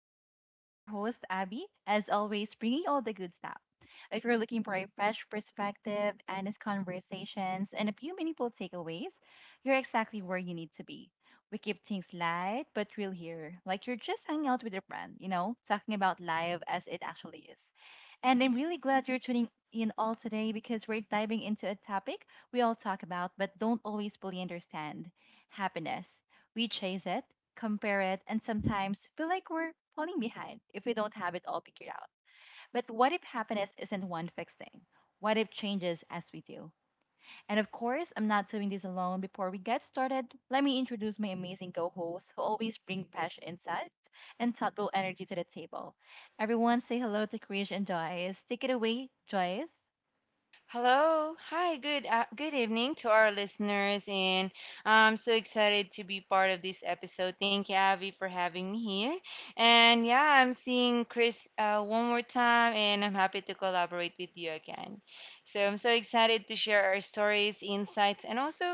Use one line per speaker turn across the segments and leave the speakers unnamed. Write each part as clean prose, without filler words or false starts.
Vibes. It's your host, Abby, as always, bringing all the good stuff. If you're looking for a fresh perspective, honest conversations, and a few meaningful takeaways, you're exactly where you need to be. We keep things light but real here, like you're just hanging out with your friend, talking about life as it actually is. And I'm really glad you're tuning in all today because we're diving into a topic we all talk about but don't always fully understand happiness. We chase it, compare it, and sometimes feel like we're falling behind if we don't have it all figured out. But what if happiness isn't one fixed thing? What if changes as we do? And of course, I'm not doing this alone. Before we get started, let me introduce my amazing co hosts who always bring fresh insights and thoughtful energy to the table. Everyone say hello to Krish and Joyce. Take it away, Joyce.
Hello. Hi. Good evening to our listeners, and I'm so excited to be part of this episode. Thank you, Avi, for having me here. And yeah, I'm seeing Chris one more time, and I'm happy to collaborate with you again. So I'm so excited to share our stories, insights, and also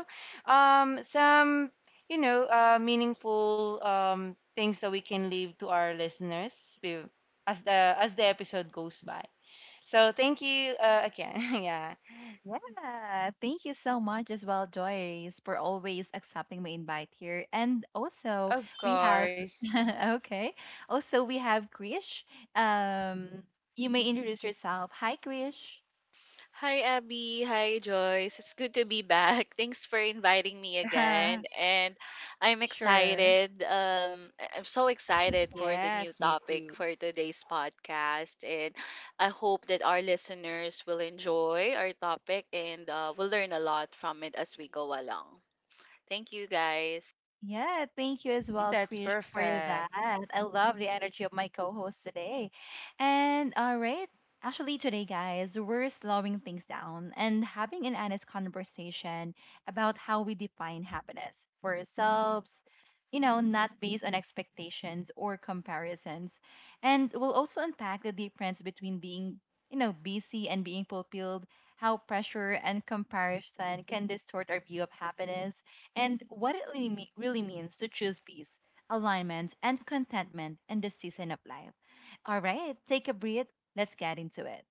some you know meaningful things that we can leave to our as the episode goes by. So thank you again. Yeah.
Yeah, thank you so much as well, Joyce, for always accepting my invite here. And also,
Of
we have,
course.
okay, also, we have Krish. Um, you may introduce yourself. Hi, Krish.
Hi, Abby. Hi, Joyce. It's good to be back. Thanks for inviting me again. And I'm
Sure.
excited. I'm so excited for the new
Yes, me too.
topic for today's podcast. And I hope that our listeners will enjoy our topic and will learn a lot from it as we go along. Thank you, guys.
Yeah, thank you as
Right,
well,
that's
Krish, for that.
perfect.
I love the energy of my co-host today. And all right, actually today, guys, we're slowing things down and having an honest conversation about how we define happiness for ourselves, not based on expectations or comparisons. And we'll also unpack the difference between being busy and being fulfilled, how pressure and comparison can distort our view of happiness and what it really, really means to choose peace, alignment, and contentment in this season of life. All right, take a breath. Let's get into it.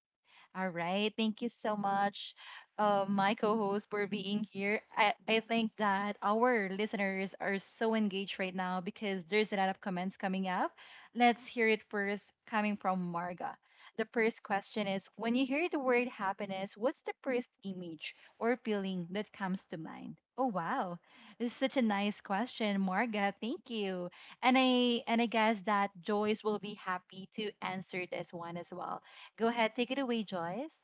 All right. Thank you so much, my co host, for being here. I think that our listeners are so engaged right now because there's a lot of comments coming up. Let's hear it first, coming from Marga. The first question is, when you hear the word happiness, what's the first image or feeling that comes to mind? Oh wow, this is such a nice question, Marga. Thank you, and I guess that Joyce will be happy to answer this one as well. Go ahead, take it away, Joyce.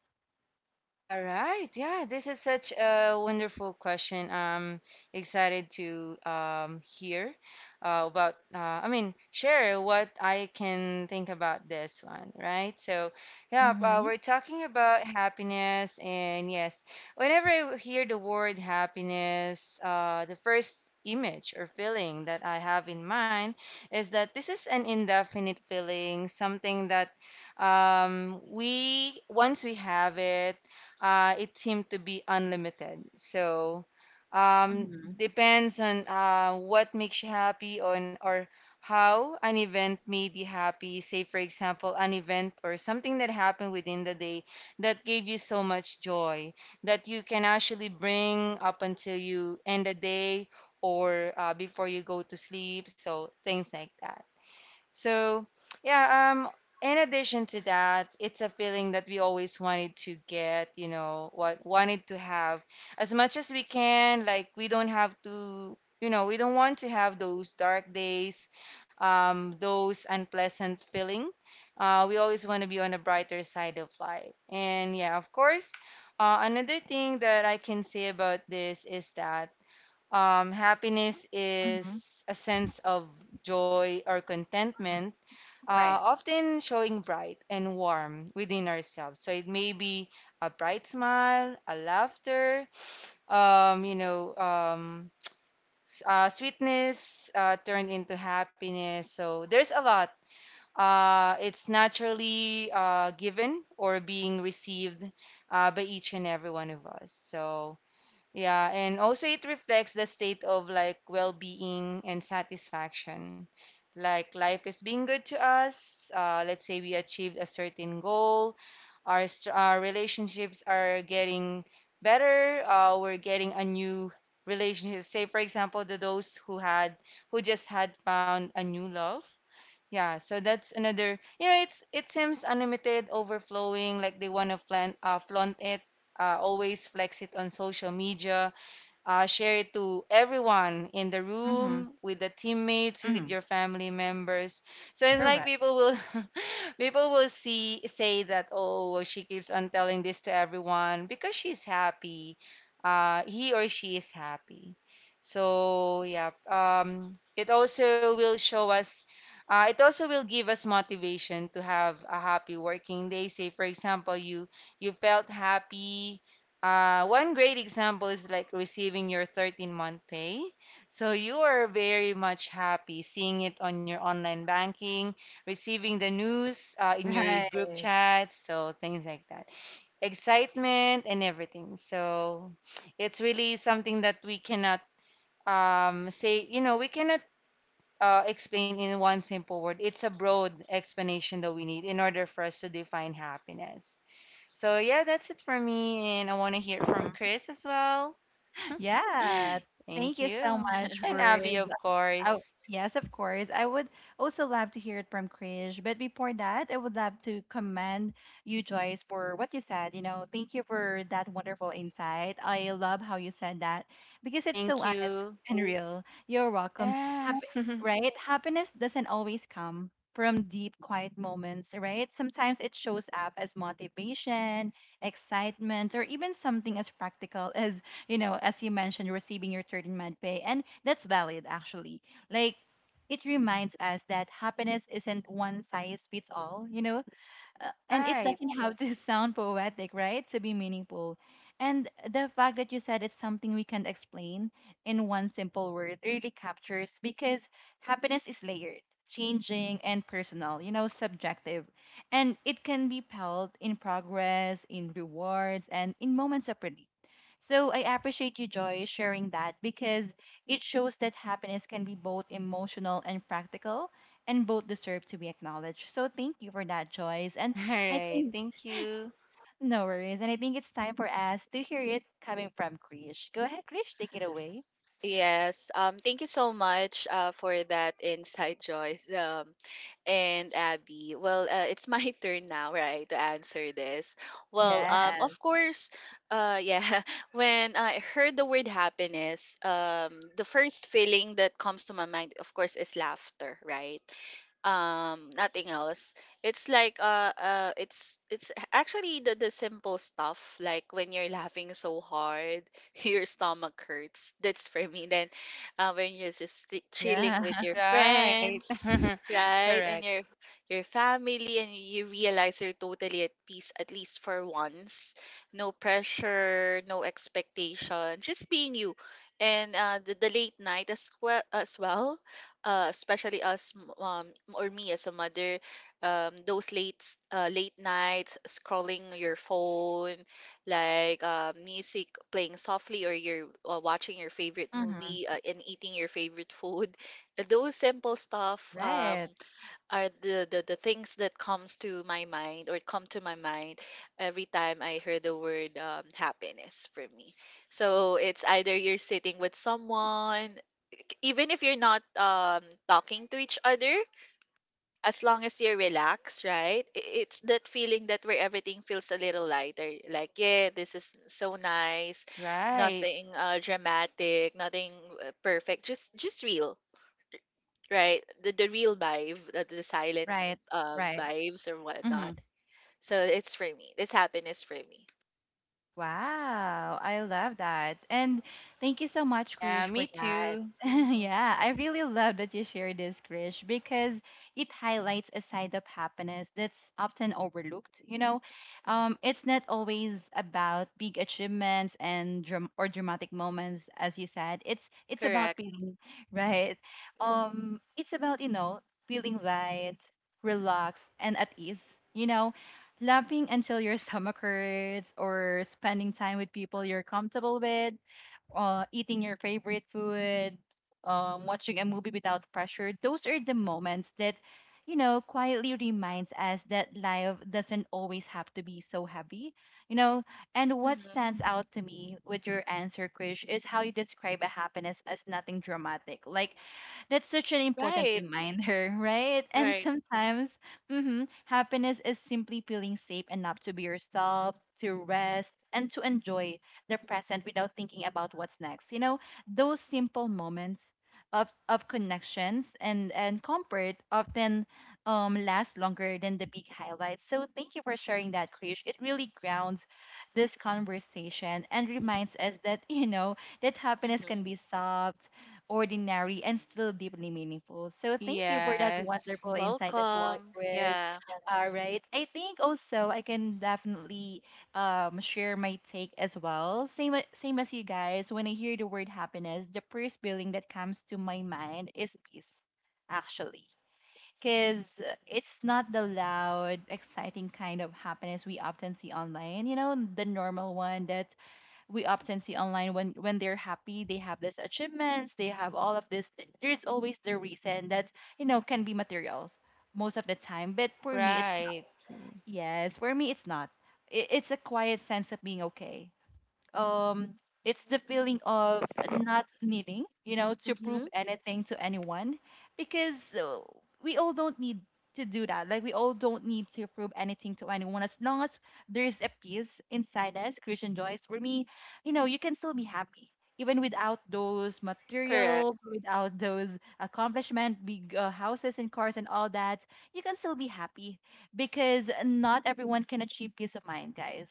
All right. Yeah, this is such a wonderful question. I'm excited to hear share what I can think about this one, right? So, yeah,
Mm-hmm.
we're talking about happiness. And yes, whenever I hear the word happiness, the first image or feeling that I have in mind is that this is an indefinite feeling, something that once we have it, it seemed to be unlimited. So um,
Mm-hmm.
depends on what makes you happy on or how an event made you happy. Say, for example, an event or something that happened within the day that gave you so much joy that you can actually bring up until you end the day or before you go to sleep. So things like that. So, yeah, in addition to that, it's a feeling that we always wanted to get, what wanted to have as much as we can. Like, we don't have to, we don't want to have those dark days, those unpleasant feeling. We always want to be on the brighter side of life. And yeah, of course, another thing that I can say about this is that happiness
Mm-hmm.
is a sense of joy or contentment,
Right.
often showing bright and warm within ourselves. So it may be a bright smile, a laughter, um, you know, um, sweetness turned into happiness. So there's a lot. It's naturally given or being received by each and every one of us. So yeah, and also it reflects the state of like well-being and satisfaction. Like life is being good to us. Let's say we achieved a certain goal. Our relationships are getting better. We're getting a new relationship. Say, for example, the those who had who just had found a new love. Yeah, so that's another. You know, it seems unlimited, overflowing. Like they want to flaunt it. Always flex it on social media, share it to everyone in the
Mm-hmm.
room, with the teammates, with
Mm-hmm.
your family members. So it's like
Correct.
people will people will see say that, oh well, she keeps on telling this to everyone because she's happy. He or she is happy. So yeah, it also will show us. It also will give us motivation to have a happy working day. Say, for example, you felt happy. One great example is like receiving your 13th month pay. So you are very much happy seeing it on your online banking, receiving the news in your
Right.
group chats, so things like that. Excitement and everything. So it's really something that we cannot say, you know, we cannot explain in one simple word. It's a broad explanation that we need in order for us to define happiness. So yeah, that's it for me, and I want to hear from Chris as well.
Yeah, thank
Thank
you so
you.
much,
And Abby,
Ruiz.
of
Oh,
course.
yes, of course. I would also love to hear it from Krish. But before that, I would love to commend you, Joyce, for what you said. You know, thank you for that wonderful insight. I love how you said that because it's so
Thank
honest
you.
and real. You're welcome. Happy,
Yes.
right? Happiness doesn't always come from deep, quiet moments, right? Sometimes it shows up as motivation, excitement, or even something as practical as as you mentioned, receiving your third in med pay. And that's valid, actually. Like, it reminds us that happiness isn't one size fits all, and it
Right.
doesn't have to sound poetic, right? To be meaningful. And the fact that you said it's something we can explain in one simple word really captures because happiness is layered, changing, and personal, subjective. And it can be felt in progress, in rewards, and in moments of relief. So I appreciate you, Joy, sharing that because it shows that happiness can be both emotional and practical and both deserve to be acknowledged. So thank you for that, Joyce. And
All
I
right.
think
Thank you.
no worries. And I think it's time for us to hear it coming from Krish. Go ahead, Krish, take it away.
Yes. Thank you so much for that insight, Joyce, and Abby. Well, it's my turn now, right, to answer this. Well,
Yeah,
of course, yeah. When I heard the word happiness, the first feeling that comes to my mind, of course, is laughter, right? Nothing else. It's like, it's actually the simple stuff, like when you're laughing so hard your stomach hurts. That's for me. Then when you're just chilling with
yeah.
your
Right.
friends, right,
Correct.
and your family, and you realize you're totally at peace, at least for once. No pressure, no expectation, just being you. And the late night as well, especially us m- or me as a mother, those late nights scrolling your phone, like, music playing softly, or you're watching your favorite movie,
Hmm.
and eating your favorite food. Those simple stuff
Right,
are the things that come to my mind every time I hear the word happiness for me. So it's either you're sitting with someone, even if you're not, talking to each other, as long as you are relaxed, right? It's that feeling that where everything feels a little lighter. Like, yeah, this is so nice.
Right.
Nothing dramatic, nothing perfect. Just real, right? The real vibe, the silent
right, right.
vibes or
Hmm.
whatnot. So it's for me. This happiness for me.
Wow, I love that. And thank you so much,
Yeah,
Krish,
me
for that.
too.
Yeah,
Hmm.
I really love that you shared this, Krish, because it highlights a side of happiness that's often overlooked. It's not always about big achievements and or dramatic moments, as you said. It's about
Correct.
feeling right. It's about feeling light, relaxed, and at ease. You know, laughing until your stomach hurts or spending time with people you're comfortable with, eating your favorite food, watching a movie without pressure, those are the moments that quietly reminds us that life doesn't always have to be so heavy, you know and what
Hmm.
stands out to me with your answer, Krish, is how you describe a happiness as nothing dramatic. Like, that's such an important
Right.
reminder, right? And
Right.
sometimes happiness is simply feeling safe enough to be yourself, to rest, and to enjoy the present without thinking about what's next. You know, those simple moments of connections and comfort often, last longer than the big highlights. So thank you for sharing that, Krish. It really grounds this conversation and reminds us that, that happiness can
Hmm.
be soft, ordinary and still deeply meaningful. So thank you for that
Yes.
wonderful insight as well,
Welcome.
Krish.
Yeah.
All
Hmm.
right. I think also I can definitely, share my take as well. Same same as you guys. When I hear the word happiness, the first feeling that comes to my mind is peace, actually. Because it's not the loud, exciting kind of happiness we often see online, the normal one that we often see online, when they're happy, they have these achievements, they have all of this there's always the reason that can be materials most of the time, but for me it's not.
Right.
Yes, for me it's not. It's a quiet sense of being okay. um it's the feeling of not needing to prove
Hmm.
anything to anyone, because, we all don't need to do that. Like, we all don't need to prove anything to anyone, as long as there's a peace inside us. Christian, Joyce, for me, you can still be happy even without those
Correct.
materials, without those accomplishment, big, houses and cars and all that. You can still be happy because not everyone can achieve peace of mind, guys.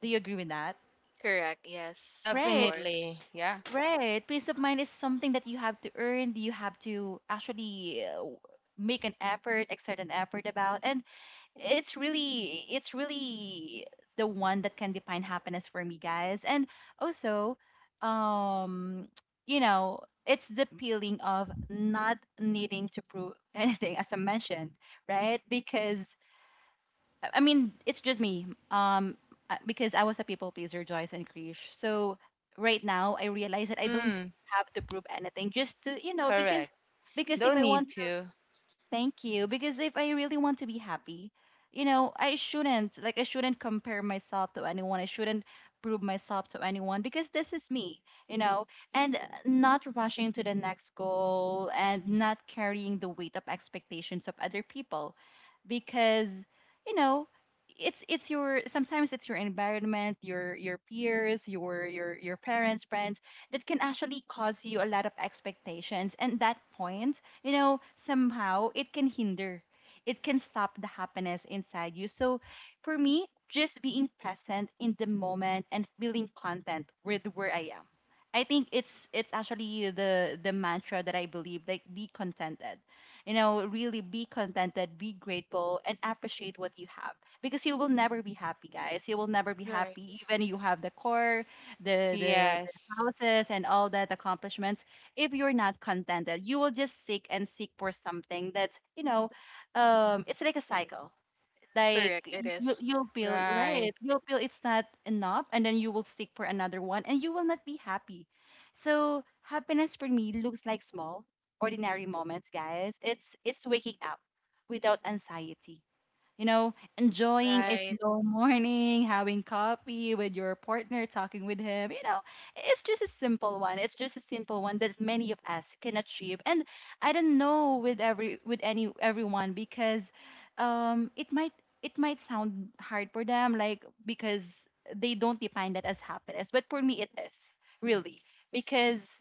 Do you agree with that?
Correct. Yes, of
Right.
Definitely.
course.
Yeah.
Right. Peace of mind is something that you have to earn, you have to actually make an effort, exert an effort about. And it's really the one that can define happiness for me, guys. And also, um, you know, it's the feeling of not needing to prove anything, as I mentioned, right? Because I mean, it's just me. Because I was a people pleaser, Joyce and Krish. So right now, I realize that I don't
Mm,
have to prove anything. Just to, because
correct.
because if
Don't
I
need
want.
to.
Thank you. Because if I really want to be happy, I shouldn't, like, I shouldn't compare myself to anyone. I shouldn't prove myself to anyone because this is me, you know, and not rushing to the next goal and not carrying the weight of expectations of other people, because, you know, it's your sometimes it's your environment, your peers, your parents, friends, that can actually cause you a lot of expectations, and that point, somehow it can hinder, it can stop the happiness inside you. So for me, just being present in the moment and feeling content with where I am. I think it's actually the mantra that I believe, like, be contented. You know, really be contented, be grateful and appreciate what you have, because you will never be happy, guys. You will never be
Right.
happy, even you have the core, the
Yes.
houses and all that accomplishments, if you're not contented, you will just seek and seek for something that's, it's like a cycle. Like,
Correct. It
you,
is.
you'll feel right,
Right.
you'll feel it's not enough, and then you will seek for another one, and you will not be happy. So happiness for me looks like small, ordinary moments, guys. It's waking up without anxiety, enjoying a
Right.
slow morning, having coffee with your partner, talking with him. It's just a simple one. It's just a simple one that many of us can achieve. And I don't know with every with any everyone, because um it might it might sound hard for them, like, because they don't define that as happiness, but for me it is, really, because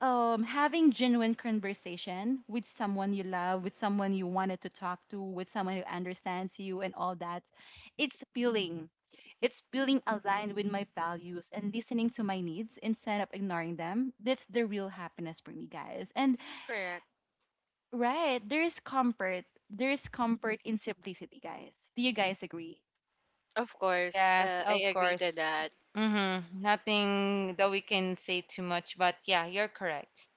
having genuine conversation with someone you love, with someone you wanted to talk to, with someone who understands you, and all that, it's feeling it's feeling aligned with my values and listening to my needs instead of ignoring them. That's the real happiness for me, guys. And
Correct.
right, there is comfort in simplicity, guys. Do you guys agree?
Of course.
Yes,
I
of
agree to
course.
that.
Mm-hmm. Nothing that we can say too much, but yeah, you're correct.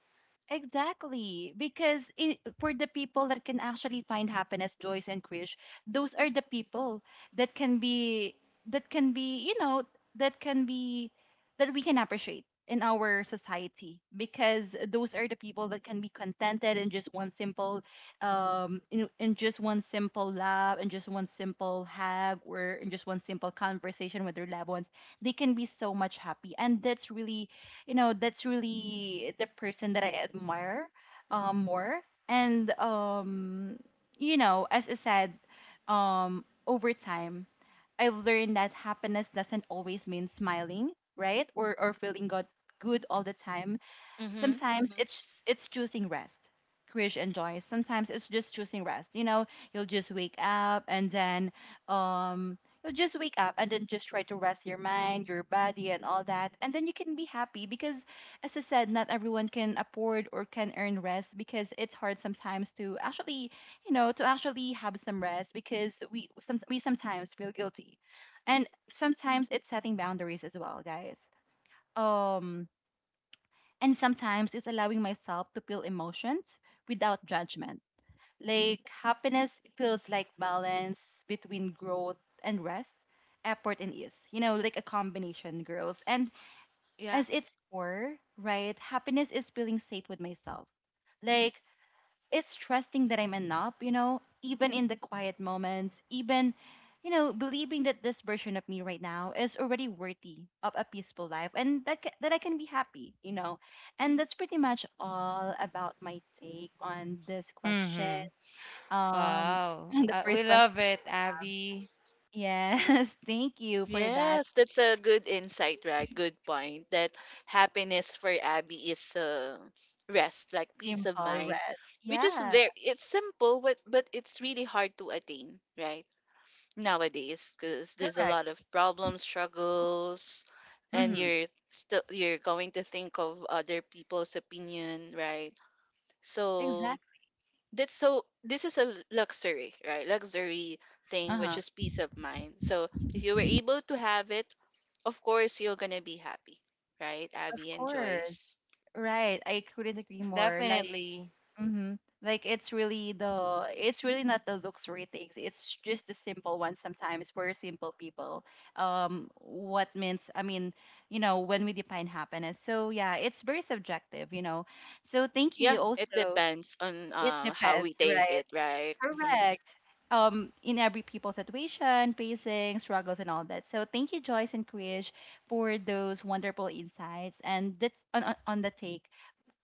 Exactly, because I for the people that can actually find happiness, Joyce and Krish, those are the people that can be that can be you know that can be that we can appreciate in our society, because those are the people that can be contented in just one simple laugh, and just one simple hug, or in just one simple conversation with their loved ones. They can be so much happy, and that's really, that's really the person that I admire, more. And, as I said, over time, I've learned that happiness doesn't always mean smiling, right? Or feeling good all the time.
Mm-hmm.
Sometimes
Mm-hmm.
it's choosing rest. Krish and Joy, sometimes it's just choosing rest. You know, you'll just wake up, and then um you'll just wake up and then just try to rest your mind, your body, and all that. And then you can be happy, because, as I said, not everyone can afford or can earn rest, because it's hard sometimes to actually, to actually have some rest, because we sometimes feel guilty. And sometimes it's setting boundaries as well, guys. Um and sometimes it's allowing myself to feel emotions without judgment. Like, happiness feels like balance between growth and rest, effort and ease. Like a combination, girls. And
Yeah.
as its core, right, happiness is feeling safe with myself. Like, it's trusting that I'm enough, even in the quiet moments, even, believing that this version of me right now is already worthy of a peaceful life, and that, that I can be happy. And that's pretty much all about my take on this question.
Mm-hmm.
Um,
Wow.
and the
We
first question.
love it, Abby.
Yes, thank you for that.
Yes, that's a good insight, right? Good point. That happiness for Abby is rest, like peace of
Simple
mind,
rest.
which is
Yeah,
very, it's simple, but it's really hard to attain, right? Nowadays, because there's a
correct.
lot of problems, struggles, and
Mm-hmm.
you're going to think of other people's opinion, right? So
Exactly.
that's so this is a luxury, right? Luxury thing, which
Uh-huh.
is peace of mind. So if you were able to have it, of course you're gonna be happy, right,
Of
Abby and
course.
Joyce?
Right. I couldn't agree
Yes,
more. Like,
definitely.
mm-hmm. Like, it's really not the luxury things. It's just the simple ones sometimes. We're simple people. What means I mean, when we define happiness. So yeah, it's very subjective. So thank
Yeah,
you
it
also.
depends on,
It
how
depends,
we take
right?
it, right?
Correct. In every people situation, pacing, struggles, and all that. So thank you, Joyce and Krish, for those wonderful insights, and that's on the take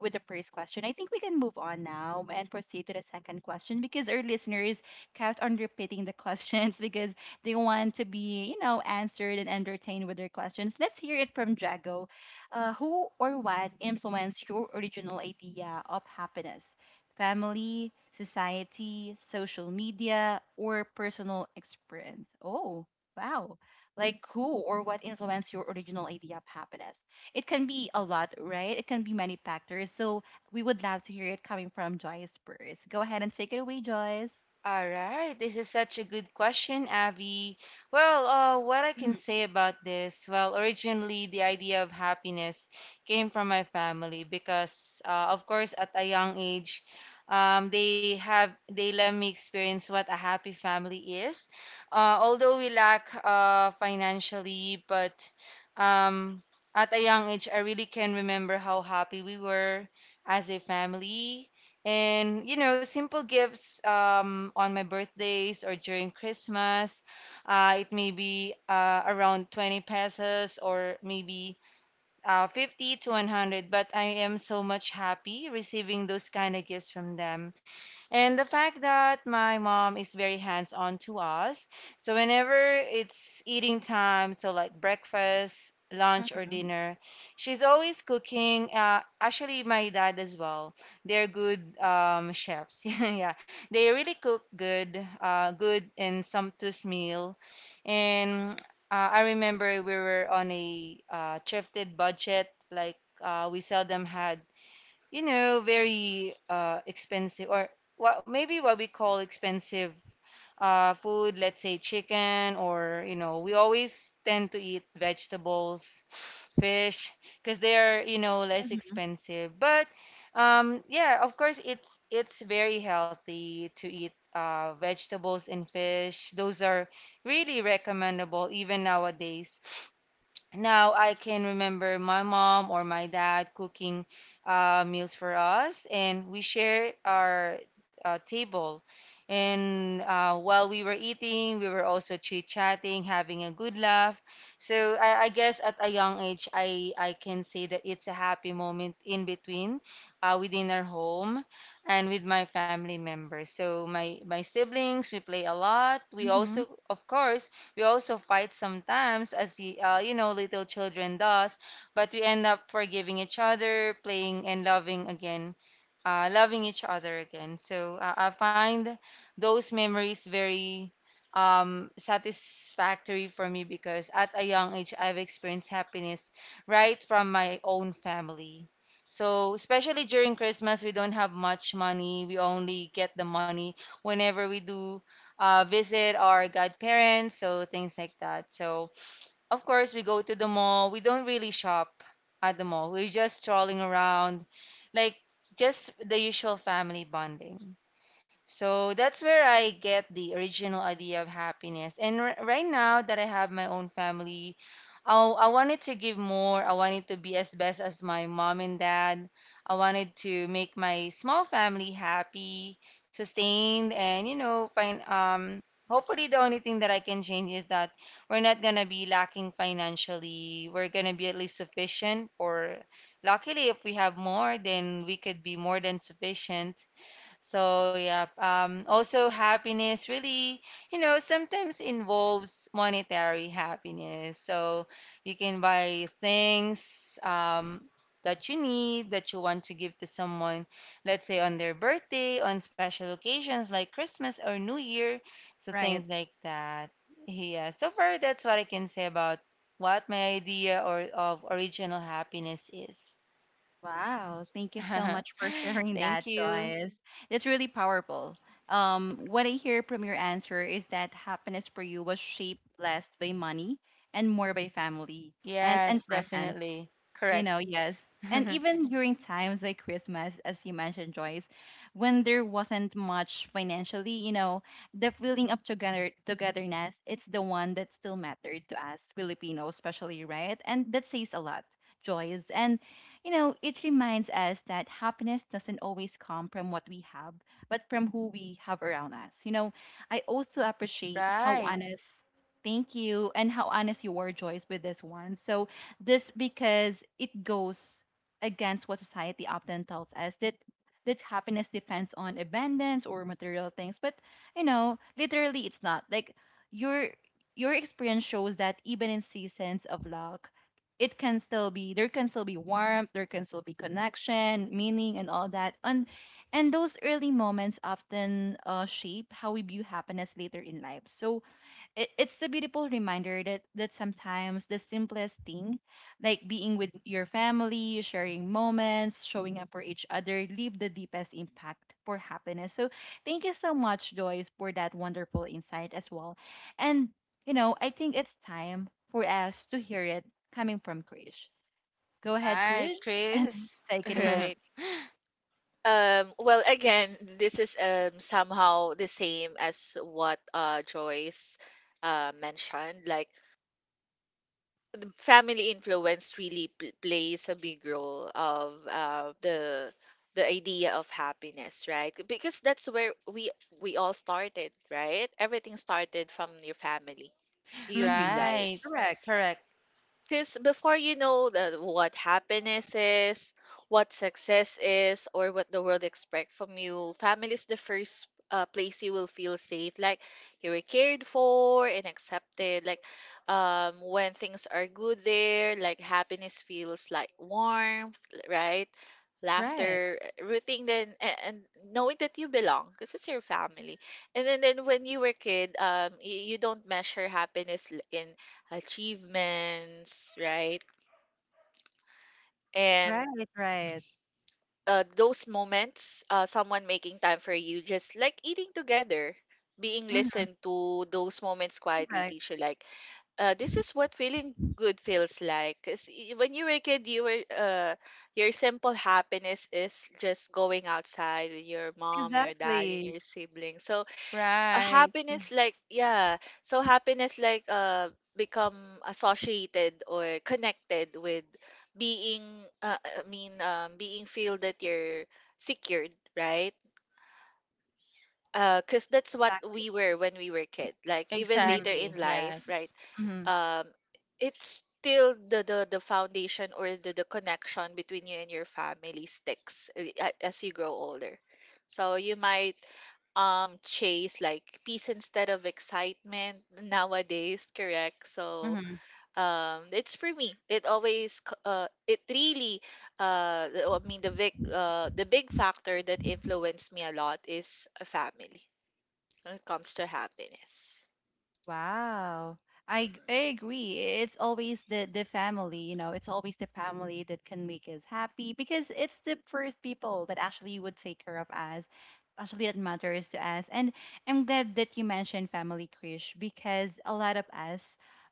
with the first question. I think we can move on now and proceed to the second question, because our listeners kept on repeating the questions because they want to be, answered and entertained with their questions. Let's hear it from Jago. Who or what influenced your original idea of happiness? Family, society, social media, or personal experience? Oh, wow. Like, who or what influenced your original idea of happiness? It can be a lot, right? It can be many factors. So we would love to hear it coming from Joyce first. Go ahead and take it away, Joyce.
All right, this is such a good question, Abby. Well, what I can
Mhm,
say about this, well, originally the idea of happiness came from my family because, of course, at a young age, they let me experience what a happy family is. Although we lack financially, but um, at a young age, I really can remember how happy we were as a family, and you know, simple gifts on my birthdays or during Christmas. It may be around 20 pesos or maybe 50 to 100, but I am so much happy receiving those kind of gifts from them. And the fact that my mom is very hands-on to us. So whenever it's eating time, so like breakfast, lunch or
mhm,
dinner, she's always cooking. Actually, my dad as well. They're good chefs. Yeah, they really cook good, good and sumptuous meal. And I remember we were on a thrifted budget. Like we seldom had, you know, very expensive or what maybe what we call expensive food, let's say chicken or, you know, we always tend to eat vegetables, fish, because they are, you know, less
mhm,
expensive. But yeah, of course, it's very healthy to eat vegetables and fish. Those are really recommendable even nowadays. Now I can remember my mom or my dad cooking meals for us, and we share our table. And while we were eating, we were also chit-chatting, having a good laugh. So I guess at a young age, I can say that it's a happy moment in between, within our home and with my family members. So my siblings, we play a lot. We
mhm.
also, of course, we also fight sometimes, as you know, little children does, but we end up forgiving each other, playing and loving again loving each other again. So I find those memories very satisfactory for me because at a young age, I've experienced happiness right from my own family. So, especially during Christmas, we don't have much money. We only get the money whenever we do visit our godparents, so things like that. So, of course, we go to the mall. We don't really shop at the mall. We're just strolling around. Like, just the usual family bonding. So that's where I get the original idea of happiness. And right now that I have my own family, oh, I wanted to give more. I wanted to be as best as my mom and dad. I wanted to make my small family happy, sustained, and you know, find, hopefully, the only thing that I can change is that we're not gonna be lacking financially. We're gonna be at least sufficient, or luckily if we have more, then we could be more than sufficient. So yeah, also happiness really, you know, sometimes involves monetary happiness. So you can buy things that you need, that you want to give to someone, let's say on their birthday, on special occasions like Christmas or New Year, so
Right.
things like that. Yeah, so far that's what I can say about what my idea or of original happiness is.
Wow. Thank you so much for sharing that,
Thank you.
Joyce. It's really powerful. What I hear from your answer is that happiness for you was shaped less by money and more by family and
Yes,
presence.
definitely.
you know,
Correct.
yes. And even during times like Christmas, as you mentioned, Joyce, when there wasn't much financially, the feeling of togetherness, it's the one that still mattered to us Filipinos, especially, right? And that says a lot, Joyce. And it reminds us that happiness doesn't always come from what we have, but from who we have around us. I also appreciate how
Right.
honest. Thank you, and how honest you were, Joyce, with this one. So, this because it goes against what society often tells us that happiness depends on abundance or material things. But literally it's not. Like, your your experience shows that even in seasons of luck, it can still be there can still be warmth, there can still be connection, meaning, and all that. And those early moments often shape how we view happiness later in life. So it's a beautiful reminder that sometimes the simplest thing, like being with your family, sharing moments, showing up for each other, leave the deepest impact for happiness. So thank you so much, Joyce, for that wonderful insight as well. And I think it's time for us to hear it coming from Krish. Go ahead,
Right,
Krish, and
Chris.
take it away.
Right. Well, again, this is somehow the same as what Joyce mentioned. Like, the family influence really pl plays a big role of the idea of happiness, right? Because that's where we all started, right? Everything started from your family. Do you agree,
Mm-hmm.
Right.
guys?
Correct.
Correct.
Because before you know what happiness is, what success is, or what the world expects from you, family is the first place you will feel safe. Like, you were cared for and accepted. Like, when things are good there, like, happiness feels like warmth, right?
Right.
Laughter, everything. Then, and knowing that you belong, because it's your family. And then, when you were kid, you don't measure happiness in achievements, right?
Right.
And
Right.
those moments, someone making time for you, just like eating together, being
Mm-hmm.
listened to, those moments quietly
Correct.
teach you, like, this is what feeling good feels like. Cause when you were a kid, your simple happiness is just going outside with your mom, your dad, and
Exactly.
your siblings. So, a
Right.
happiness like yeah so happiness, like, become associated or connected with being, being feel that you're secured, right? Because that's what we
Exactly.
were when we were kid, like even
Mm-hmm.
later in
Exactly.
life, right?
Yes.
um it's still the foundation, or the connection between you and your family sticks, as you grow older. So you might, chase like peace instead of excitement nowadays, correct? So
Mhm.
it's for me, it really, I mean, the big factor that influenced me a lot is a family when it comes to happiness.
Wow. I, g-
Hmm.
I agree. It's always the family, it's always the family that can make us happy, because it's the first people that actually would take care of us, actually that matters to us. And I'm glad that you mentioned family, Krish, because a lot of us,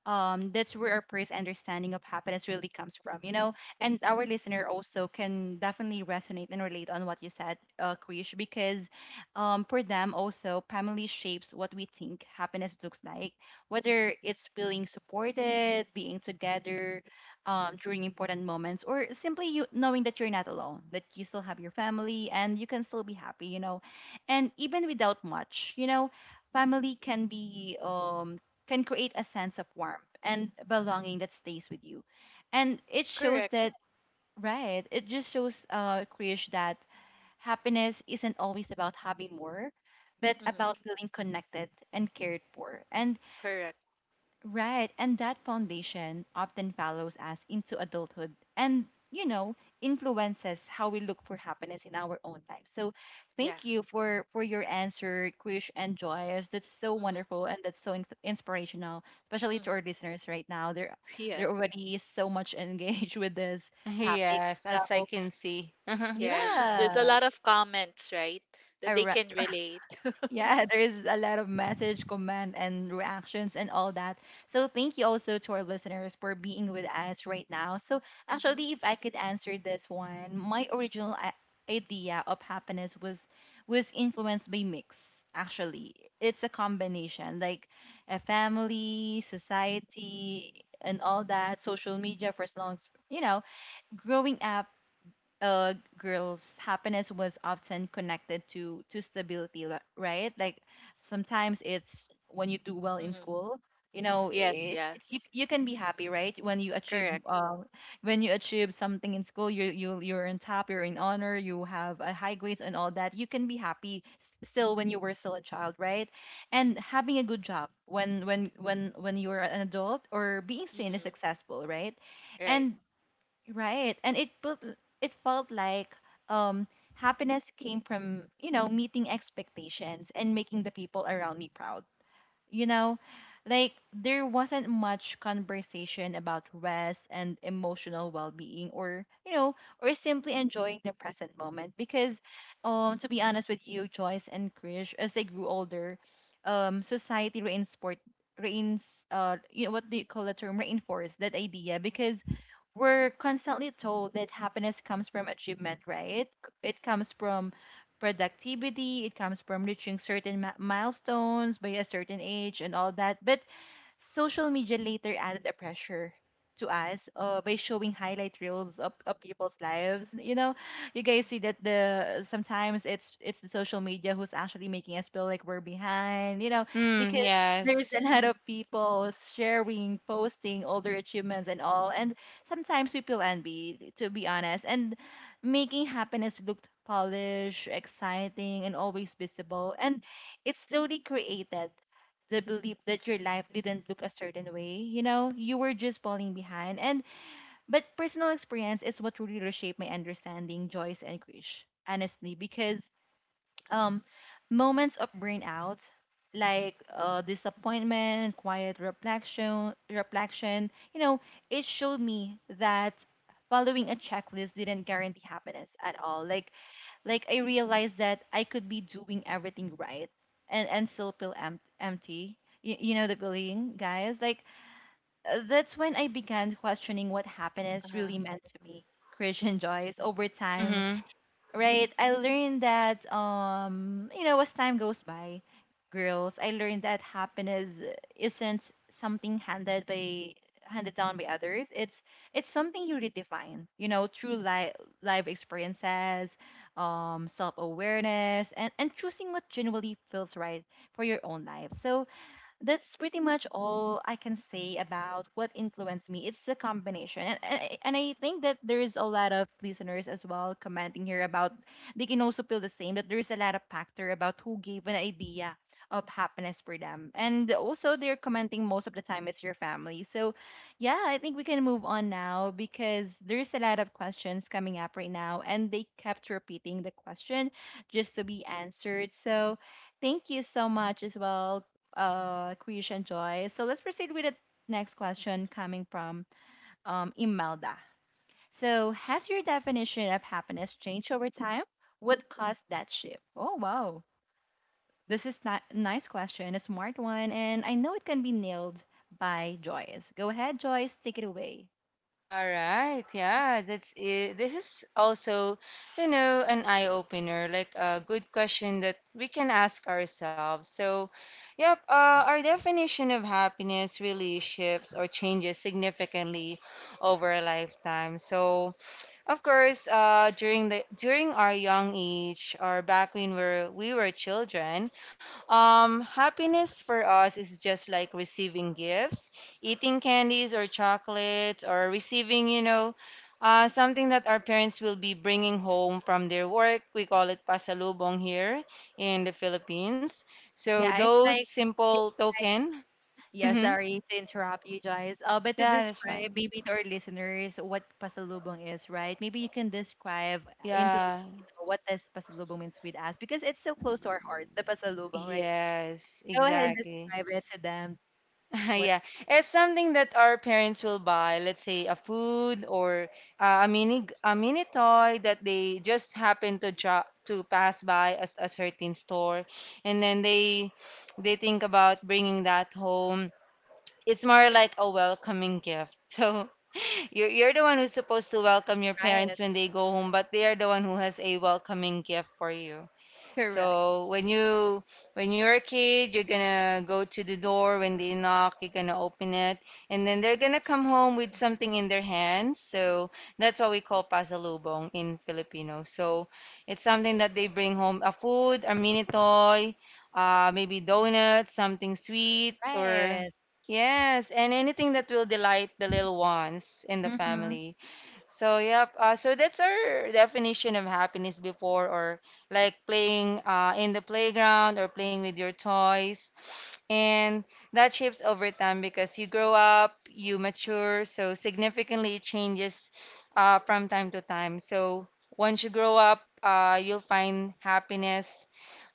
that's where our first understanding of happiness really comes from. And our listener also can definitely resonate and relate on what you said, Krish, because for them also, family shapes what we think happiness looks like, whether it's feeling supported, being together, during important moments, or simply you knowing that you're not alone, that you still have your family and you can still be happy and even without much family can create a sense of warmth and belonging that stays with you. And it shows
Correct.
that right, it just shows, Krish, that happiness isn't always about having more, but
Hmm.
about feeling connected and cared for. And
Correct.
Right, and that foundation often follows us into adulthood and, you know, influences how we look for happiness in our own life. So,
Yeah.
thank you for your answer, Krish and Joyce. That's so
Hmm.
wonderful, and that's so inspirational, especially to
Hmm.
our listeners right now. They're
Yeah.
they're already so much engaged with this topic.
Yes, as I
So,
can see.
Yes, there's a
yeah.
lot of comments, right? That
All
they
right.
can relate.
Yeah, there is a lot of message, comment, and reactions, and all that. So thank you also to our listeners for being with us right now. So
Hmm.
actually, if I could answer this one, my original idea of happiness was influenced by mix. Actually, it's a combination, like a family, society, and all that, social media, for as long as you know. Growing up, girls, happiness was often connected to stability, right, like, sometimes it's when you do well in
Hmm.
school.
Yes.
It, it, you,
Yes.
you can be happy, right, when you achieve
Correct.
uh, when you achieve something in school. You're on top, you're in honor, you have a high grades and all that. You can be happy still when you were still a child, right? And having a good job when you're an adult, or being seen as
Hmm.
successful, right?
Right.
And right. And it felt like, um happiness came from, meeting expectations and making the people around me proud. You know, like there wasn't much conversation about rest and emotional well-being, or simply enjoying the present moment, because to be honest with you, Joyce and Krish, as they grew older, society reinsport reins you know, what do you call the term, reinforced that idea, because we're constantly told that happiness comes from achievement, right? It comes from productivity. It comes from reaching certain milestones by a certain age and all that. But social media later added a pressure to us, by showing highlight reels of people's lives. You know, you guys see that the sometimes it's the social media who's actually making us feel like we're behind. You know,
Mm,
because there's a
yes.
lot of people sharing, posting all their achievements and all, and sometimes we feel envy, to be honest, and making happiness looked polished, exciting, and always visible. And it slowly created the belief that your life didn't look a certain way. You were just falling behind. And but personal experience is what really reshaped my understanding, Joyce and Krish, honestly, because um moments of burnout, like disappointment, quiet reflection, it showed me that following a checklist didn't guarantee happiness at all. Like I realized that I could be doing everything right, and still feel empty. You know the feeling, guys. Like, that's when I began questioning what happiness
Uh-huh.
really meant to me. Christian Joyce. Over time,
Mm-hmm.
right? I learned that, as time goes by, girls, I learned that happiness isn't something handed down by others. It's something you redefine, through life experiences, self awareness, and choosing what genuinely feels right for your own life. So that's pretty much all I can say about what influenced me. It's a combination. And I think that there's a lot of listeners as well commenting here about they can also feel the same that there's a lot of factor about who gave an idea of happiness for them. And also they're commenting most of the time it's your family. So yeah, I think we can move on now because there's a lot of questions coming up right now and they kept repeating the question just to be answered. So thank you so much as well, Krish and Joy. So let's proceed with the next question coming from Imelda. So, has your definition of happiness changed over time? What caused that shift? Oh, wow. This is not a nice question, a smart one, and I know it can be nailed by Joyce. Go ahead, Joyce, take it away.
All right, yeah, that's it. This is also, you know, an eye opener, like a good question that we can ask ourselves. So, yep, our definition of happiness really shifts or changes significantly over a lifetime. So, of course, during our young age or back when we were children, happiness for us is just like receiving gifts, eating candies or chocolates or receiving, you know, something that our parents will be bringing home from their work. We call it pasalubong here in the Philippines. So
Yeah, it's
those
like.
simple token.
Yeah,
hmm
sorry to interrupt you guys. But to
Yeah, that's
describe
fine.
maybe to our listeners what pasalubong is, right? Maybe you can describe in
Yeah.
Filipino, what does pasalubong means with us because it's so close to our heart, the pasalubong, right?
Yes,
Go ahead and
exactly.
describe it to them. What?
Yeah, it's something that our parents will buy, let's say a food or a mini toy that they just happen to to pass by a certain store, and then they think about bringing that home. It's more like a welcoming gift. So you're the one who's supposed to welcome your
Right?
parents when they go home, but they are the one who has a welcoming gift for you.
Correct.
So when you're a kid, you're gonna go to the door when they knock, you're gonna open it, and then they're gonna come home with something in their hands. So that's what we call pasalubong in Filipino. So it's something that they bring home, a food, a mini toy, maybe donuts, something sweet, or
Right.
yes, and anything that will delight the little ones in the
Mm-hmm.
family. So that's our definition of happiness before, or like playing in the playground or playing with your toys, and that shapes over time because you grow up, you mature, so significantly it changes from time to time. So once you grow up, you'll find happiness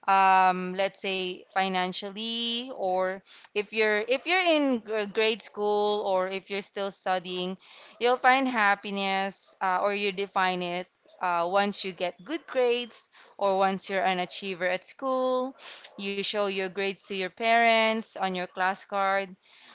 let's say financially or if you're in grade school or if you're still studying, you'll find happiness or you define it once you get good grades or once you're an achiever at school. You show your grades to your parents on your class card,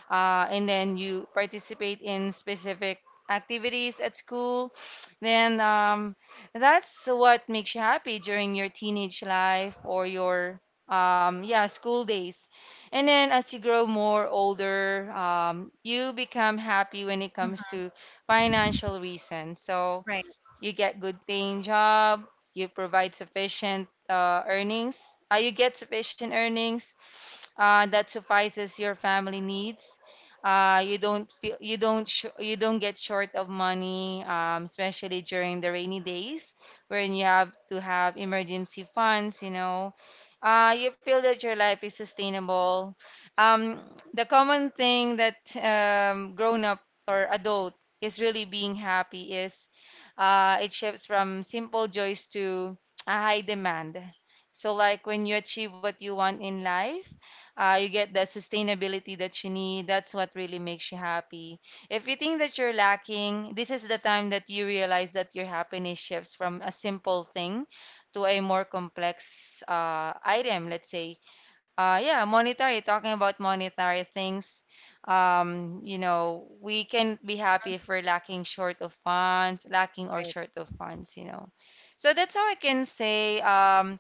and then you participate in specific activities at school, then that's what makes you happy during your teenage life or your yeah, school days. And then as you grow more older, you become happy when it comes
Mm-hmm.
to financial reasons. So
Right,
you get good paying job, you provide sufficient earnings, you get sufficient earnings that suffices your family needs. You don't feel you don't sh- You don't get short of money, especially during the rainy days when you have to have emergency funds. You feel that your life is sustainable. Um, the common thing that grown up or adult is really being happy is it shifts from simple joys to a high demand. So, like when you achieve what you want in life, you get the sustainability that you need. That's what really makes you happy. If you think that you're lacking, this is the time that you realize that your happiness shifts from a simple thing to a more complex item, let's say yeah, monetary, talking about monetary things. You know, we can be happy if we're lacking short of funds, lacking or
right.
short of funds, you know. So that's how I can say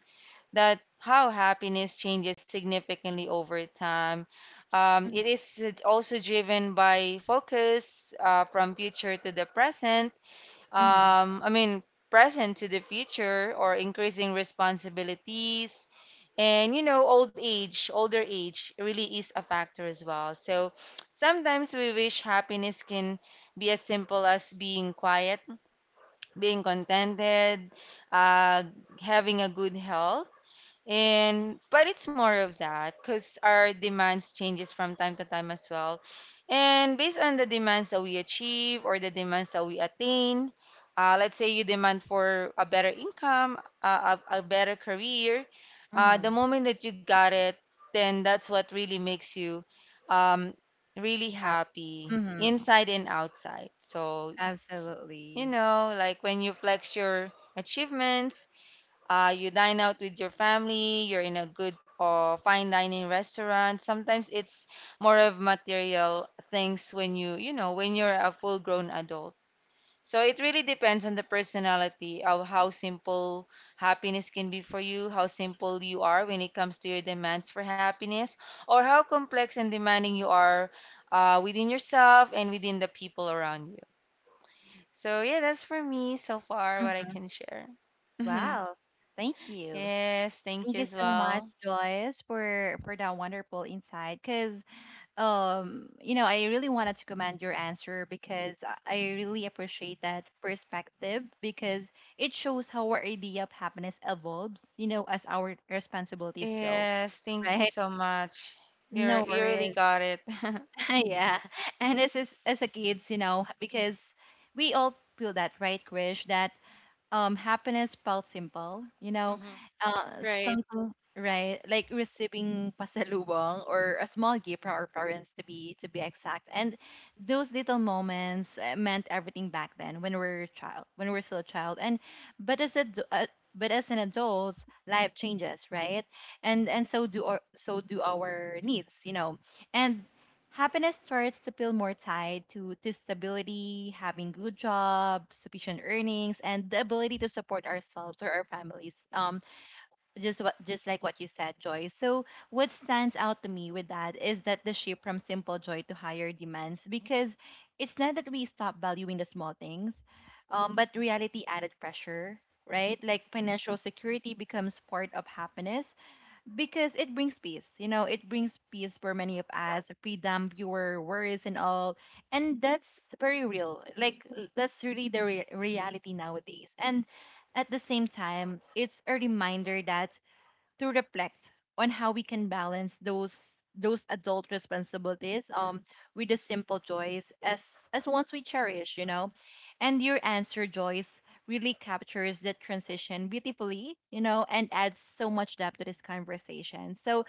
that how happiness changes significantly over time. It
Mm-hmm.
is also driven by focus from future to the present.
Mm-hmm.
I mean, present to the future, or increasing responsibilities and you know, old age, older age really is a factor as well. So sometimes we wish happiness can be as simple as being quiet, being contented, uh, having a good health. And but it's more of that because our demands changes from time to time as well. And based on the demands that we achieve or the demands that we attain, let's say you demand for a better income, a better career, the
Mm-hmm.
moment that you got it, then that's what really makes you um, really happy
Mm-hmm.
inside and outside. So, you
Absolutely.
know, like when you flex your achievements, you dine out with your family, you're in a good or fine dining restaurant. Sometimes it's more of material things when you know, when you're a full-grown adult. So it really depends on the personality of how simple happiness can be for you, how simple you are when it comes to your demands for happiness, or how complex and demanding you are within yourself and within the people around you. So yeah, that's for me so far what I
Mm-hmm.
can share.
Wow. Thank you.
Yes, thank
Thank
you
you
as
so much,
well.
Joyce, for that wonderful insight. Because you know, I really wanted to commend your answer because I really appreciate that perspective because it shows how our idea of happiness evolves. You know, as our responsibilities grow,
Yes, thank you
right?
so much. You're
No
you really
worries.
got it.
Yeah, and this is as a kids, you know, because we all feel that, right, Krish? That happiness felt simple, you know,
Mm-hmm. Right.
something, right, like receiving pasalubong or a small gift from our parents, to be exact. And those little moments, meant everything back then when we were a child, when we were still a child and but as a uh, but as an adult, life changes, right? And so do our needs, you know. And happiness starts to feel more tied to stability, having good job, sufficient earnings, and the ability to support ourselves or our families. Just what just like what you said, Joy. So what stands out to me with that is that the shift from simple joy to higher demands, because it's not that we stop valuing the small things, but reality added pressure. Right, like financial security becomes part of happiness, because it brings peace. You know, it brings peace for many of us, freedom, fewer worries, and all. And that's very real. Like that's really the reality nowadays. And at the same time, it's a reminder that to reflect on how we can balance those adult responsibilities with the simple joys as ones we cherish, you know. And your answer, Joyce, really captures that transition beautifully, you know, and adds so much depth to this conversation. So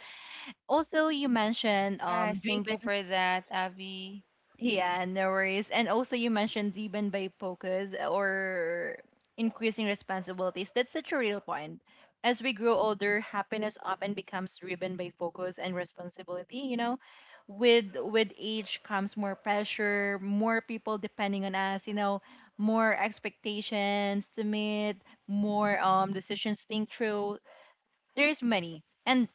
also you mentioned
Yes, thank
driven.
you for that, Abby.
Yeah, no worries. And also, you mentioned even by focus or increasing responsibilities. That's such a real point. As we grow older, happiness often becomes driven by focus and responsibility. You know, with age comes more pressure, more people depending on us. You know, more expectations to meet, more decisions to think through. There's many. And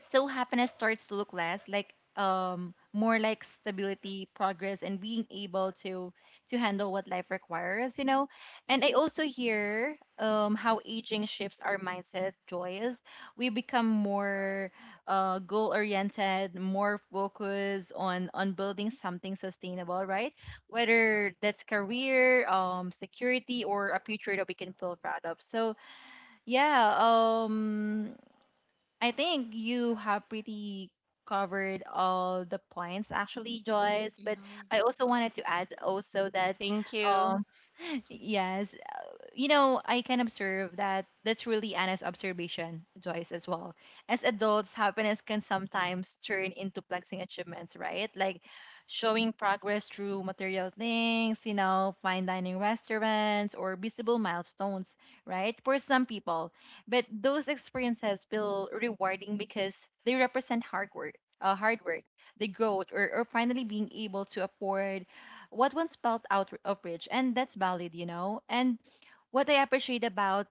so happiness starts to look less like more like stability, progress, and being able to handle what life requires, you know. And I also hear how aging shifts our mindset, joy is we become more goal oriented, more focused on building something sustainable, right? Whether that's career, security, or a future that we can feel proud of. So yeah, I think you have pretty covered all the points, actually, Joyce. But
Mm-hmm.
I also wanted to add also that
Thank you.
um yes, you know, I can observe that that's really Anna's observation, Joyce, as well. As adults, happiness can sometimes turn into flexing achievements, right? Like showing progress through material things, you know, fine dining restaurants or visible milestones, right? For some people. But those experiences feel rewarding because they represent hard work, uh, hard work, the growth, or finally being able to afford what once felt out of reach, and that's valid, you know. And what I appreciate about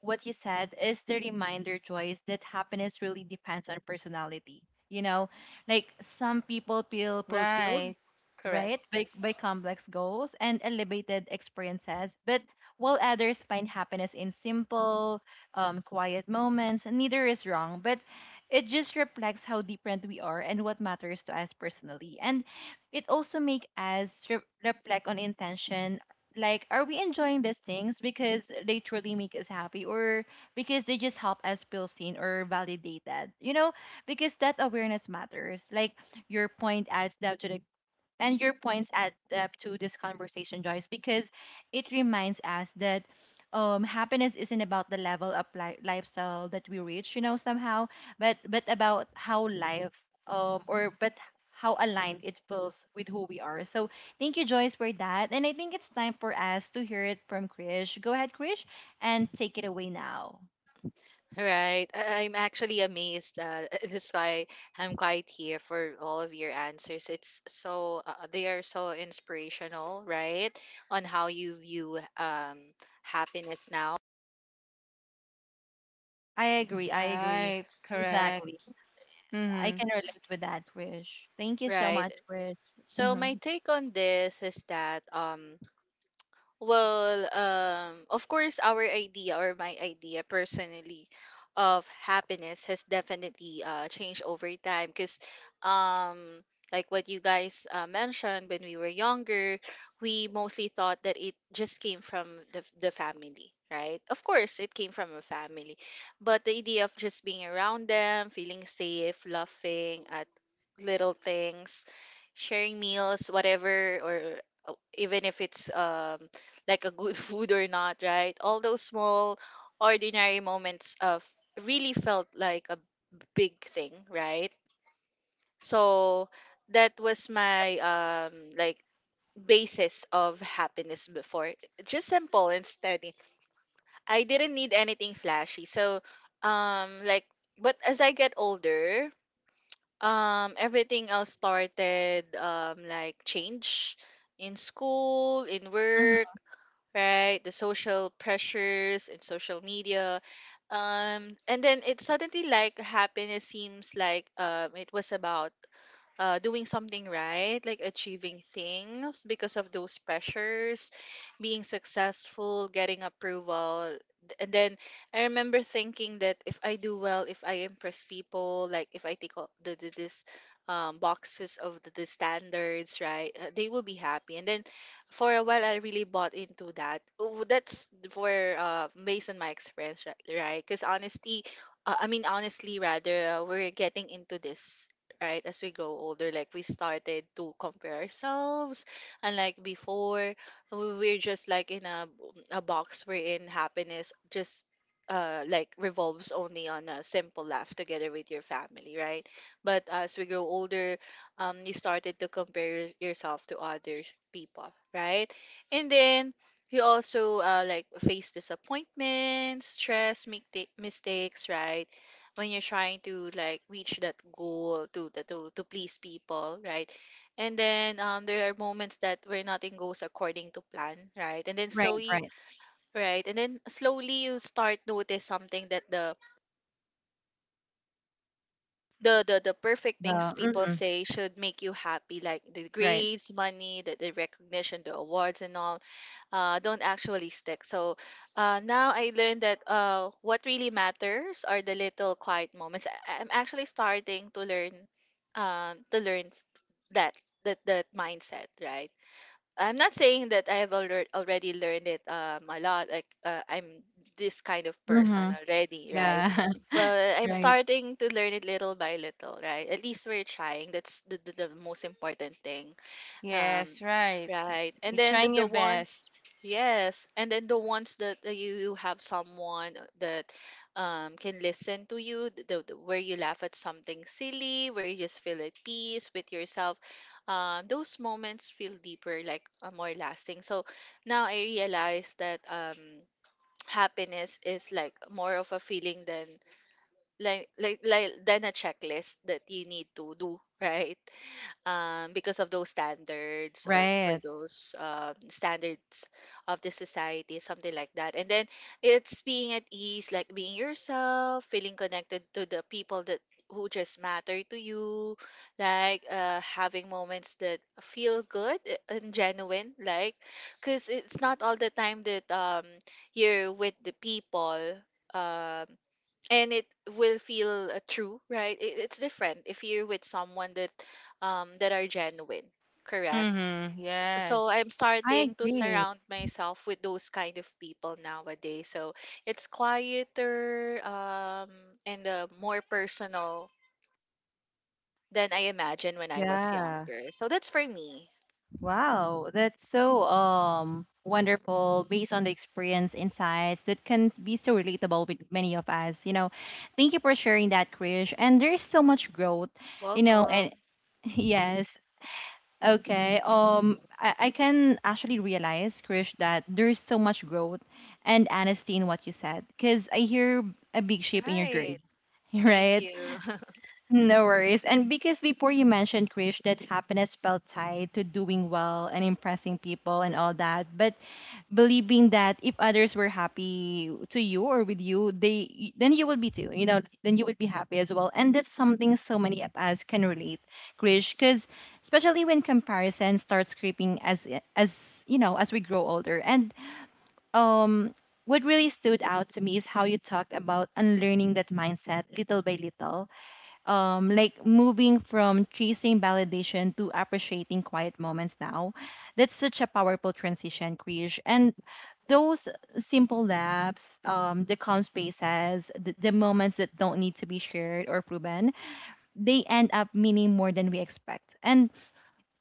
what you said is the reminder, Joyce, that happiness really depends on personality. You know, like some people feel fulfilled,
Right. Correct.
right, by, complex goals and elevated experiences. But while others find happiness in simple, quiet moments. Neither is wrong. But it just reflects how different we are and what matters to us personally. And it also makes us reflect on intention. Like, are we enjoying these things because they truly make us happy or because they just help us feel seen or validated? You know, because that awareness matters. Like, your point adds up to the your points add up to this conversation, Joyce, because it reminds us that happiness isn't about the level of lifestyle that we reach, you know, somehow, but about how life or but how aligned it feels with who we are. So thank you, Joyce, for that. And I think it's time for us to hear it from Krish. Go ahead, Krish, and take it away now.
Right. I'm actually amazed. That's why I'm quite here for all of your answers. It's so they are so inspirational, right? On how you view, happiness now.
I agree. I agree.
Right.
Mm-hmm.
Correct.
Exactly. I
Mm-hmm.
can relate with that, Krish. Thank you so
Right.
much, Krish.
So my
Mm-hmm.
take on this is that, well, of course, our idea or my idea personally of happiness has definitely changed over time, because um, like what you guys mentioned, when we were younger, we mostly thought that it just came from the family, right? Of course, it came from a family, but the idea of just being around them, feeling safe, laughing at little things, sharing meals, whatever, or even if it's, like, a good food or not, right? All those small, ordinary moments of really felt like a big thing, right? So that was my, like, basis of happiness before. Just simple and steady. I didn't need anything flashy. So, like, but as I get older, everything else started, like, change in school, in work,
Mm-hmm.
right? The social pressures and social media. And then it suddenly like, happiness seems like, it was about doing something right, like achieving things because of those pressures, being successful, getting approval. And then I remember thinking that if I do well, if I impress people, like if I take all the this, boxes of the standards, right, they will be happy. And then for a while, I really bought into that. Oh, That's for based on my experience, right? Because honestly, I mean, honestly, rather, we're getting into this, right? As we grow older, like, we started to compare ourselves. And like before, we're just like in a box wherein happiness just, like, revolves only on a simple laugh together with your family, right? But as we grow older, you started to compare yourself to other people, right? And then you also like, face disappointment, stress, make mistakes, right? When you're trying to like reach that goal to please people, right? And then, there are moments that where nothing goes according to plan, right. And then
Right,
slowly,
right.
right. And then slowly, you start notice something, that the perfect
The
things people
mhm,
say should make you happy, like the
right.
grades, money, the recognition, the awards, and all, don't actually stick. So, now I learned that, what really matters are the little quiet moments. I'm actually starting to learn, to learn that that mindset, right? I'm not saying that I have already learned it, a lot. Like, I'm this kind of person
Mhm.
already, right?
Yeah.
Well, I'm
Right.
starting to learn it little by little, right? At least we're trying. That's the most important thing. Um,
Yes, right.
right. And
You're
then the,
trying
the
your
ones,
best.
yes. And then the ones that you have someone that, can listen to you, th- the where you laugh at something silly, where you just feel at peace with yourself. Those moments feel deeper, like, more lasting. So now I realize that, happiness is like more of a feeling than, than a checklist that you need to do, right? Because of those standards, or for
Right.
those, standards of the society, something like that. And then it's being at ease, like being yourself, feeling connected to the people that who just matter to you, like, having moments that feel good, and genuine, like, because it's not all the time that, you're with the people. Um, and it will feel, true, right? It's different if you're with someone that, that are genuine, correct?
Mm-hmm.
So I'm
Yes.
I
starting to
agree.
surround myself with those kind of people nowadays. So it's quieter, and, more personal than I imagined when I was
Yeah.
younger. So that's for me.
Wow. That's so wonderful based on the experience insights that can be so relatable with many of us. You know, thank you for sharing that, Krish. And there's so much growth, you know,
Welcome.
and yes, okay. I can actually realize, Krish, that there's so much growth and honesty in what you said, because I hear a big shift in your
Right.
journey,
Thank
right?
you.
No worries. And because before you mentioned, Krish, that happiness felt tied to doing well and impressing people and all that, but believing that if others were happy to you or with you, they then you would be too, you know, then you would be happy as well. And that's something so many of us can relate, Krish, because especially when comparison starts creeping as as you know, as we grow older. And um what really stood out to me is how you talked about unlearning that mindset little by little, like moving from chasing validation to appreciating quiet moments now. That's such a powerful transition, Krish. And those simple laps, the calm spaces, the, moments that don't need to be shared or proven, they end up meaning more than we expect. And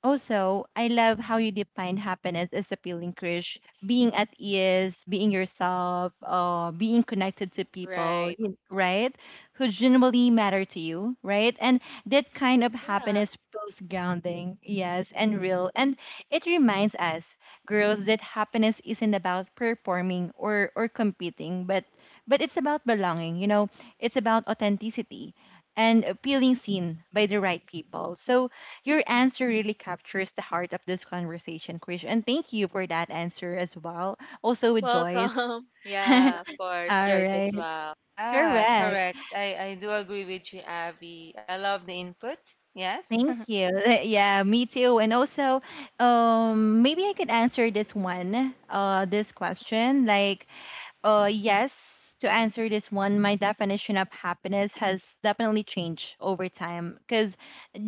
also, I love how you define happiness as a feeling, Krish. Being at ease, being yourself, being connected to people,
Right.
right? Who genuinely matter to you, right? And that kind of
Mhm. Yeah.
happiness feels grounding, yes, and real. And it reminds us, girls, that happiness isn't about performing or competing, but it's about belonging. You know, it's about authenticity and feeling seen by the right people. So your answer really captures the heart of this conversation, Krish. And thank you for that answer as well. Also with Joyce.
Welcome. Yeah, of course,
All
Joyce as
right.
well.
Yeah,
Correct.
correct. I do agree with you, Abby. I love the input. Yes.
Thank you. Yeah, me too. And also, maybe I could answer this one, this question. Like, yes, to answer this one, my definition of happiness has definitely changed over time. Because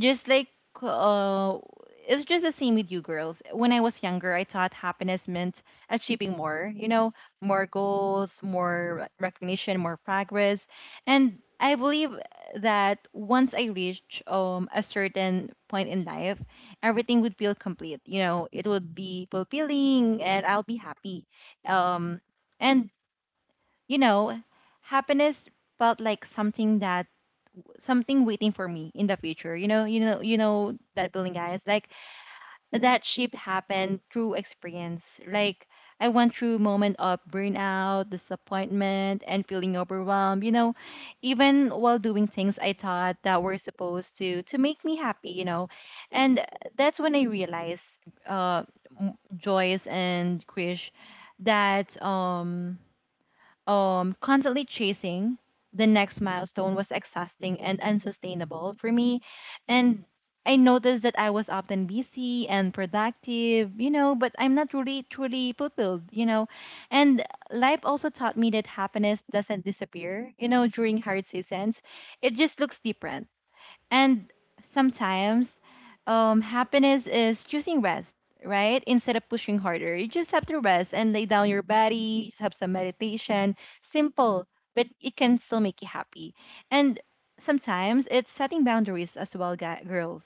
just like, uh, it's just the same with you girls. When I was younger, I thought happiness meant achieving more, you know, more goals, more recognition, more progress. And I believe that once I reach a certain point in life, everything would feel complete. You know, it would be fulfilling and I'll be happy. Um, and you know, happiness felt like something waiting for me in the future. You know, you know that feeling, guys. Like that shift happened through experience. Like I went through moment of burnout, disappointment, and feeling overwhelmed. You know, even while doing things I thought that were supposed to make me happy. You know, and that's when I realized, uh, Joyce and Krish, that constantly chasing the next milestone was exhausting and unsustainable for me. And I noticed that I was often busy and productive, you know, but I'm not really truly fulfilled, you know. And life also taught me that happiness doesn't disappear, you know, during hard seasons. It just looks different. And sometimes happiness is choosing rest, right? Instead of pushing harder, you just have to rest and lay down your body, have some meditation. Simple, but it can still make you happy. And sometimes it's setting boundaries as well, girls.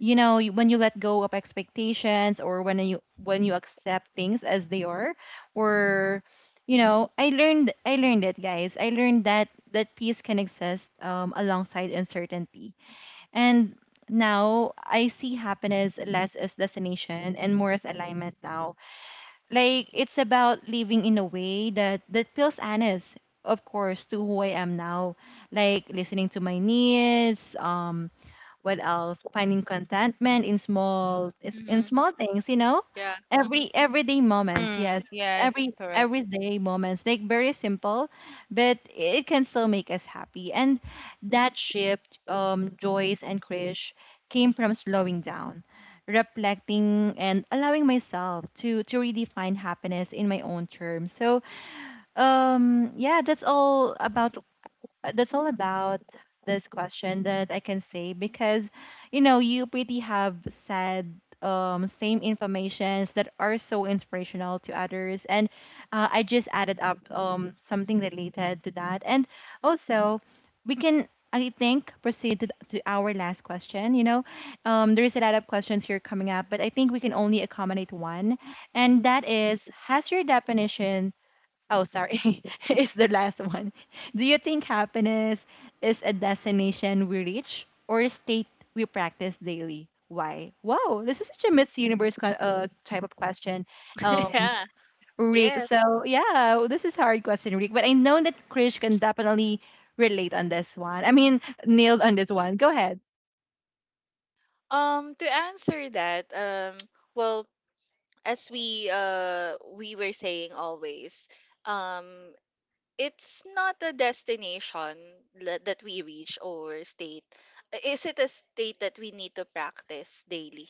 You know, when you let go of expectations or when you accept things as they are, or you know, I learned it, guys. I learned that that peace can exist, alongside uncertainty. And now I see happiness less as destination and more as alignment now. Like it's about living in a way that feels honest, of course, to who I am now. Like listening to my needs, what else finding contentment in
Mhm.
small things.
Yeah. Hmm.
Everyday moments, yes.
Mm, yes,
every
correct.
everyday moments, like very simple, but it can still make us happy. And that shift, Joyce and Krish, came from slowing down, reflecting, and allowing myself to redefine happiness in my own terms. So yeah, that's all about uh, that's all about this question that I can say, because you know you pretty have said same informations that are so inspirational to others. And I just added up something related to that. And also, we can, I think, proceed to our last question. There's a lot of questions here coming up, but I think we can only accommodate one, and that is, has your definition... Oh, sorry. It's the last one. Do you think happiness is a destination we reach or a state we practice daily? Why? Wow, this is such a Miss Universe kind type of question, um,
Yeah.
Rick.
Yes.
So yeah, this is hard question, Rick. But I know that Krish can definitely relate on this one. I mean, nailed on this one. Go ahead.
To answer that, well, as we were saying always, um, it's not a destination that we reach, or state. Is it a state that we need to practice daily?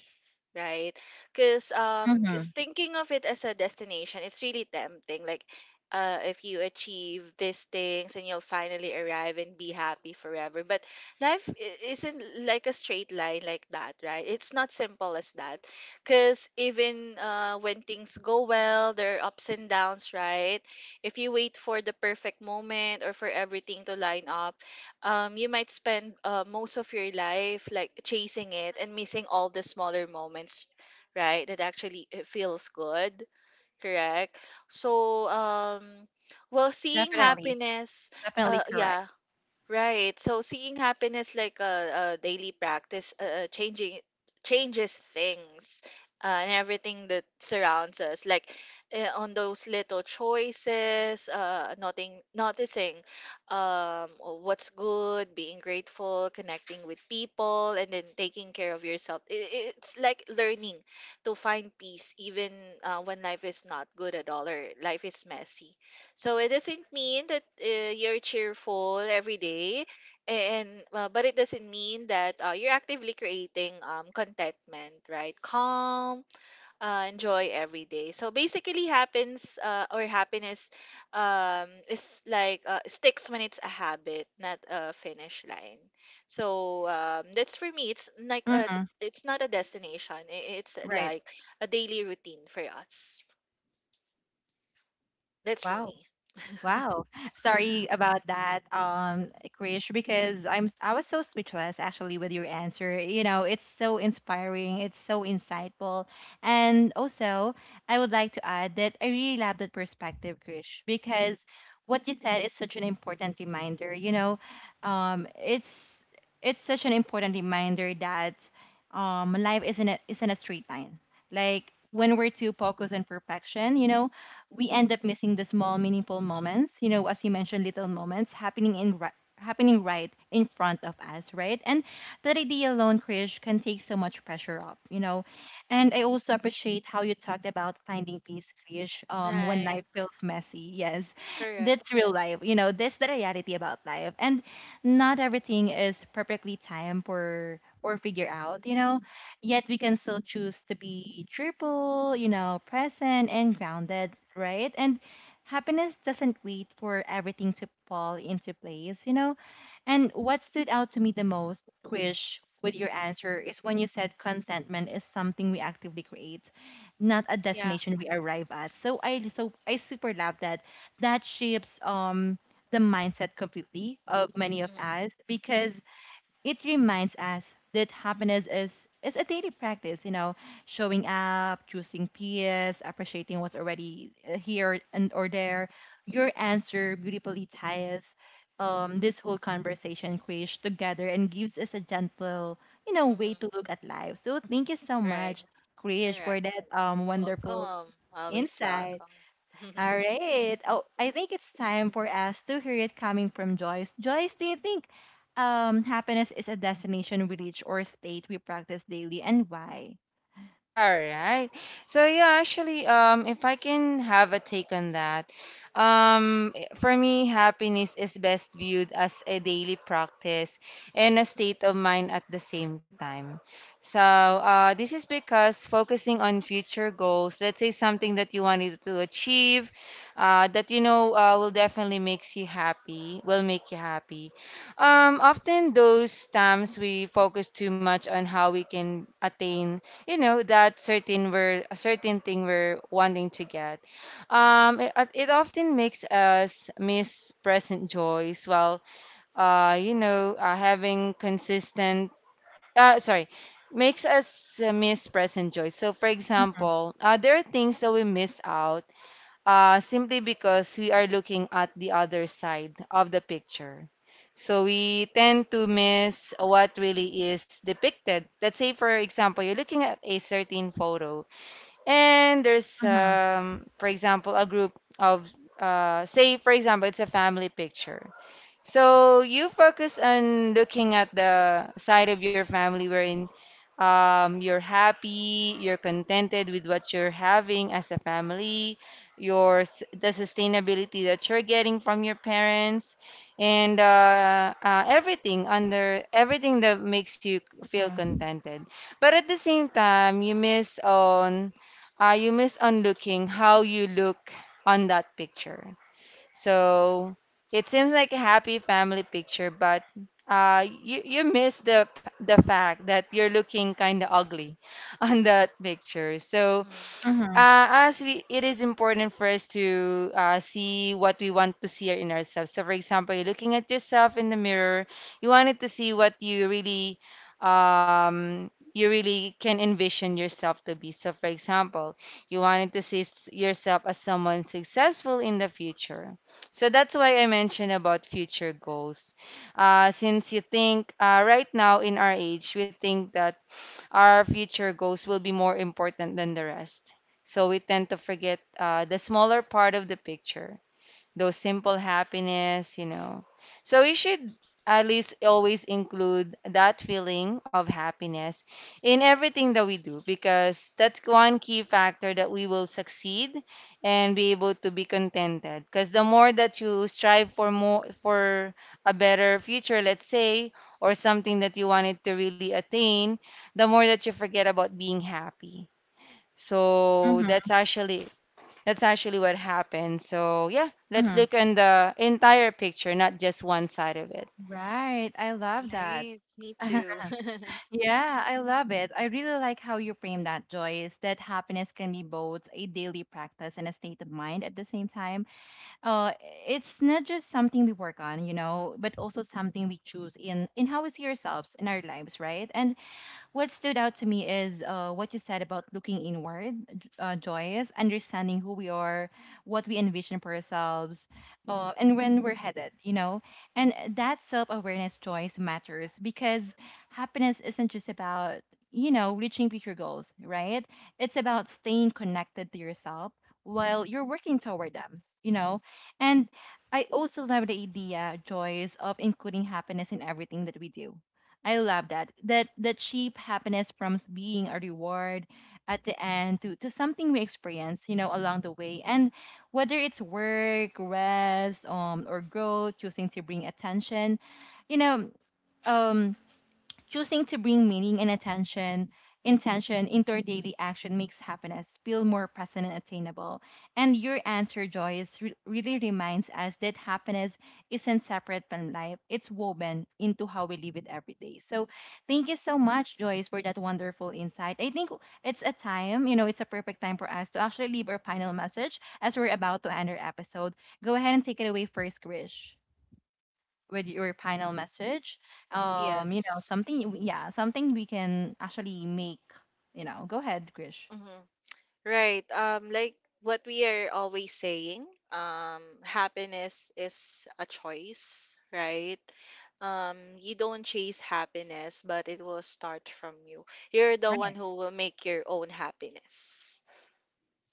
Right? Because,
Mm-hmm.
cause thinking of it as a destination, it's really tempting. Like, if you achieve these things and you'll finally arrive and be happy forever. But life isn't like a straight line like that, right? It's not simple as that. Because even, when things go well, there are ups and downs, right? If you wait for the perfect moment or for everything to line up, you might spend, most of your life like chasing it and missing all the smaller moments, right? That actually it feels good, correct? So, well, seeing
Definitely,
happiness,
definitely correct.
yeah. Right. So seeing happiness like a daily practice, changing changes things, and everything that surrounds us. Like, on those little choices, noticing, what's good, being grateful, connecting with people, and then taking care of yourself. It's like learning to find peace, even, when life is not good at all, or life is messy. So it doesn't mean that, you're cheerful every day, and but it doesn't mean that, you're actively creating, contentment, right? Calm, enjoy every day. So basically, happens or happiness, is like, sticks when it's a habit, not a finish line. So, that's for me.
Mm-hmm.
It's not a destination. It's
Right.
like a daily routine for us. That's for
Wow.
me.
Wow. Sorry about that, Krish, because I was so speechless actually with your answer. You know, it's so inspiring, it's so insightful. And also, I would like to add that I really love that perspective, Krish, because what you said is such an important reminder. You know, um, it's it's such an important reminder that life isn't a straight line. Like when we're too focused on perfection, you know, we end up missing the small meaningful moments, you know, as you mentioned, little moments happening right in front of us, right? And that idea alone, Krish, can take so much pressure off, you know. And I also appreciate how you talked about finding peace, Krish, when
Right.
life feels messy, yes.
Correct.
That's real life, you know, that's the reality about life. And not everything is perfectly timed or figure out, you know, yet we can still choose to be cheerful, you know, present and grounded, right? And happiness doesn't wait for everything to fall into place, you know? And what stood out to me the most, Krish, with your answer is when you said contentment is something we actively create, not a destination we arrive at. So I super love that. That shapes the mindset completely of many of
Mhm.
us, because it reminds us that happiness is a daily practice, you know, showing up, choosing peace, appreciating what's already here and or there. Your answer beautifully ties this whole conversation, Krish, together and gives us a gentle, you know, way
Mhm.
to look at life. So thank you so
Right.
much, Krish,
Correct.
for that wonderful
Welcome. Always
insight.
welcome.
All right. Oh, I think it's time for us to hear it coming from Joyce. Joyce, do you think happiness is a destination we reach or state we practice daily, and why?
All right. So yeah, actually, if I can have a take on that, for me, happiness is best viewed as a daily practice and a state of mind at the same time. So this is because focusing on future goals, let's say something that you wanted to achieve, that you know will definitely makes you happy, will make you happy. Often those times we focus too much on how we can attain, you know, that certain, we're a certain thing we're wanting to get, it it often makes us miss present joys, while you know having consistent sorry, makes us miss present joy. So for
Mm-hmm,
example, there are things that we miss out simply because we are looking at the other side of the picture. So we tend to miss what really is depicted. Let's say, for example, you're looking at a certain photo, and there's,
mm-hmm,
for example, a group of, say, for example, it's a family picture. So you focus on looking at the side of your family wherein you're happy, you're contented with what you're having as a family, the sustainability that you're getting from your parents, and everything under everything that makes you feel
mm-hmm,
contented. But at the same time, you miss on looking how you look on that picture. So it seems like a happy family picture, but you miss the fact that you're looking kind of ugly on that picture. So
Mhm.
mm-hmm.
it is important for us to see what we want to see in ourselves. So, for example, you're looking at yourself in the mirror, you wanted to see what you really can envision yourself to be. So, for example, you wanted to see yourself as someone successful in the future. So that's why I mentioned about future goals. Since you think right now in our age, we think that our future goals will be more important than the rest. So we tend to forget the smaller part of the picture, those simple happiness, you know. So we should at least always include that feeling of happiness in everything that we do, because that's one key factor that we will succeed and be able to be contented. Because the more that you strive for more, for a better future, let's say, or something that you wanted to really attain, the more that you forget about being happy. So that's actually, that's actually what happened. So yeah, let's
Mm-hmm.
look on the entire picture, not just one side of it.
Right. I love that.
Right. Me too.
Yeah, I love it. I really like how you frame that, Joyce, that happiness can be both a daily practice and a state of mind at the same time. uh it's not just something we work on, you know, but also something we choose in how we see ourselves in our lives, right? And what stood out to me is what you said about looking inward, J- Joyce, understanding who we are, what we envision for ourselves, and when we're headed, you know. And that self awareness, Joyce, matters because happiness isn't just about, you know, reaching future goals, right? It's about staying connected to yourself while you're working toward them, you know. And I also love the idea, Joyce, of including happiness in everything that we do. I love that. That cheap happiness from being a reward at the end to something we experience, you know, along the way. And whether it's work, rest, or growth, choosing to bring attention, you know, um choosing to bring meaning and attention, intention into our daily action makes happiness feel more present and attainable. And your answer, Joyce, really reminds us that happiness isn't separate from life, it's woven into how we live it every day. So thank you so much, Joyce, for that wonderful insight. I think it's a time, you know, it's a perfect time for us to actually leave our final message as we're about to end our episode. Go ahead and take it away first, Krish, with your final message, you know,
Yes.
yeah, something we can actually make, you know. Go ahead, Krish.
Mhm. Right. Like what we are always saying, happiness is a choice, right? You don't chase happiness, but it will start from you. You're the one
Right.
who will make your own happiness.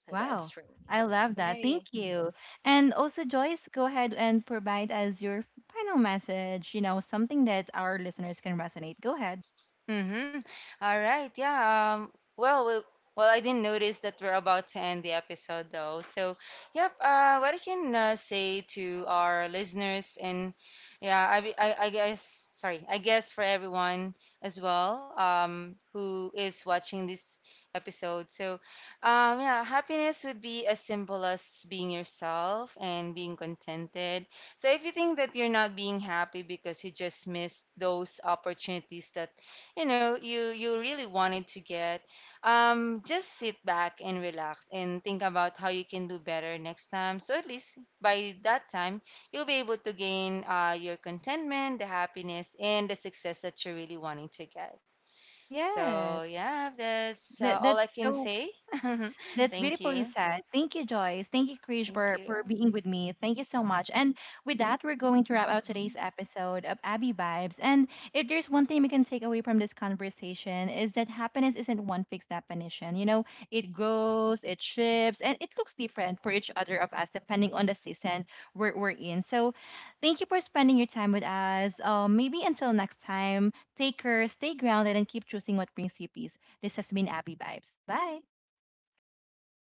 So that's
Wow,
from you.
I love that.
Right.
Thank you. And also, Joyce, go ahead and provide us your final message, you know, something that our listeners can resonate. Go ahead.
Mm-hmm. All right. Yeah. Um, well, well, well, I didn't notice that we're about to end the episode, though. So, yep. What I can say to our listeners, and yeah, I guess, sorry, I guess for everyone as well, who is watching this episode. So, yeah, happiness would be as simple as being yourself and being contented. So if you think that you're not being happy because you just missed those opportunities that you know you really wanted to get, just sit back and relax and think about how you can do better next time. So at least by that time, you'll be able to gain your contentment, the happiness, and the success that you're really wanting to get. So
Yes.
yeah, that's
that
all
that's
I can
so
say.
That's
Thank
beautifully
you.
said. Thank you, Joyce. Thank you, Krish,
Thank
for
you.
being with me. Thank you so much. And with that, we're going to wrap out today's episode of Abby Vibes. And if there's one thing we can take away from this conversation is that happiness isn't one fixed definition. You know, it grows, it shifts, and it looks different for each other of us depending on the season we're in. So thank you for spending your time with us. Maybe until next time, take care, stay grounded, and keep choosing what brings you peace. This has been Abby Vibes. Bye.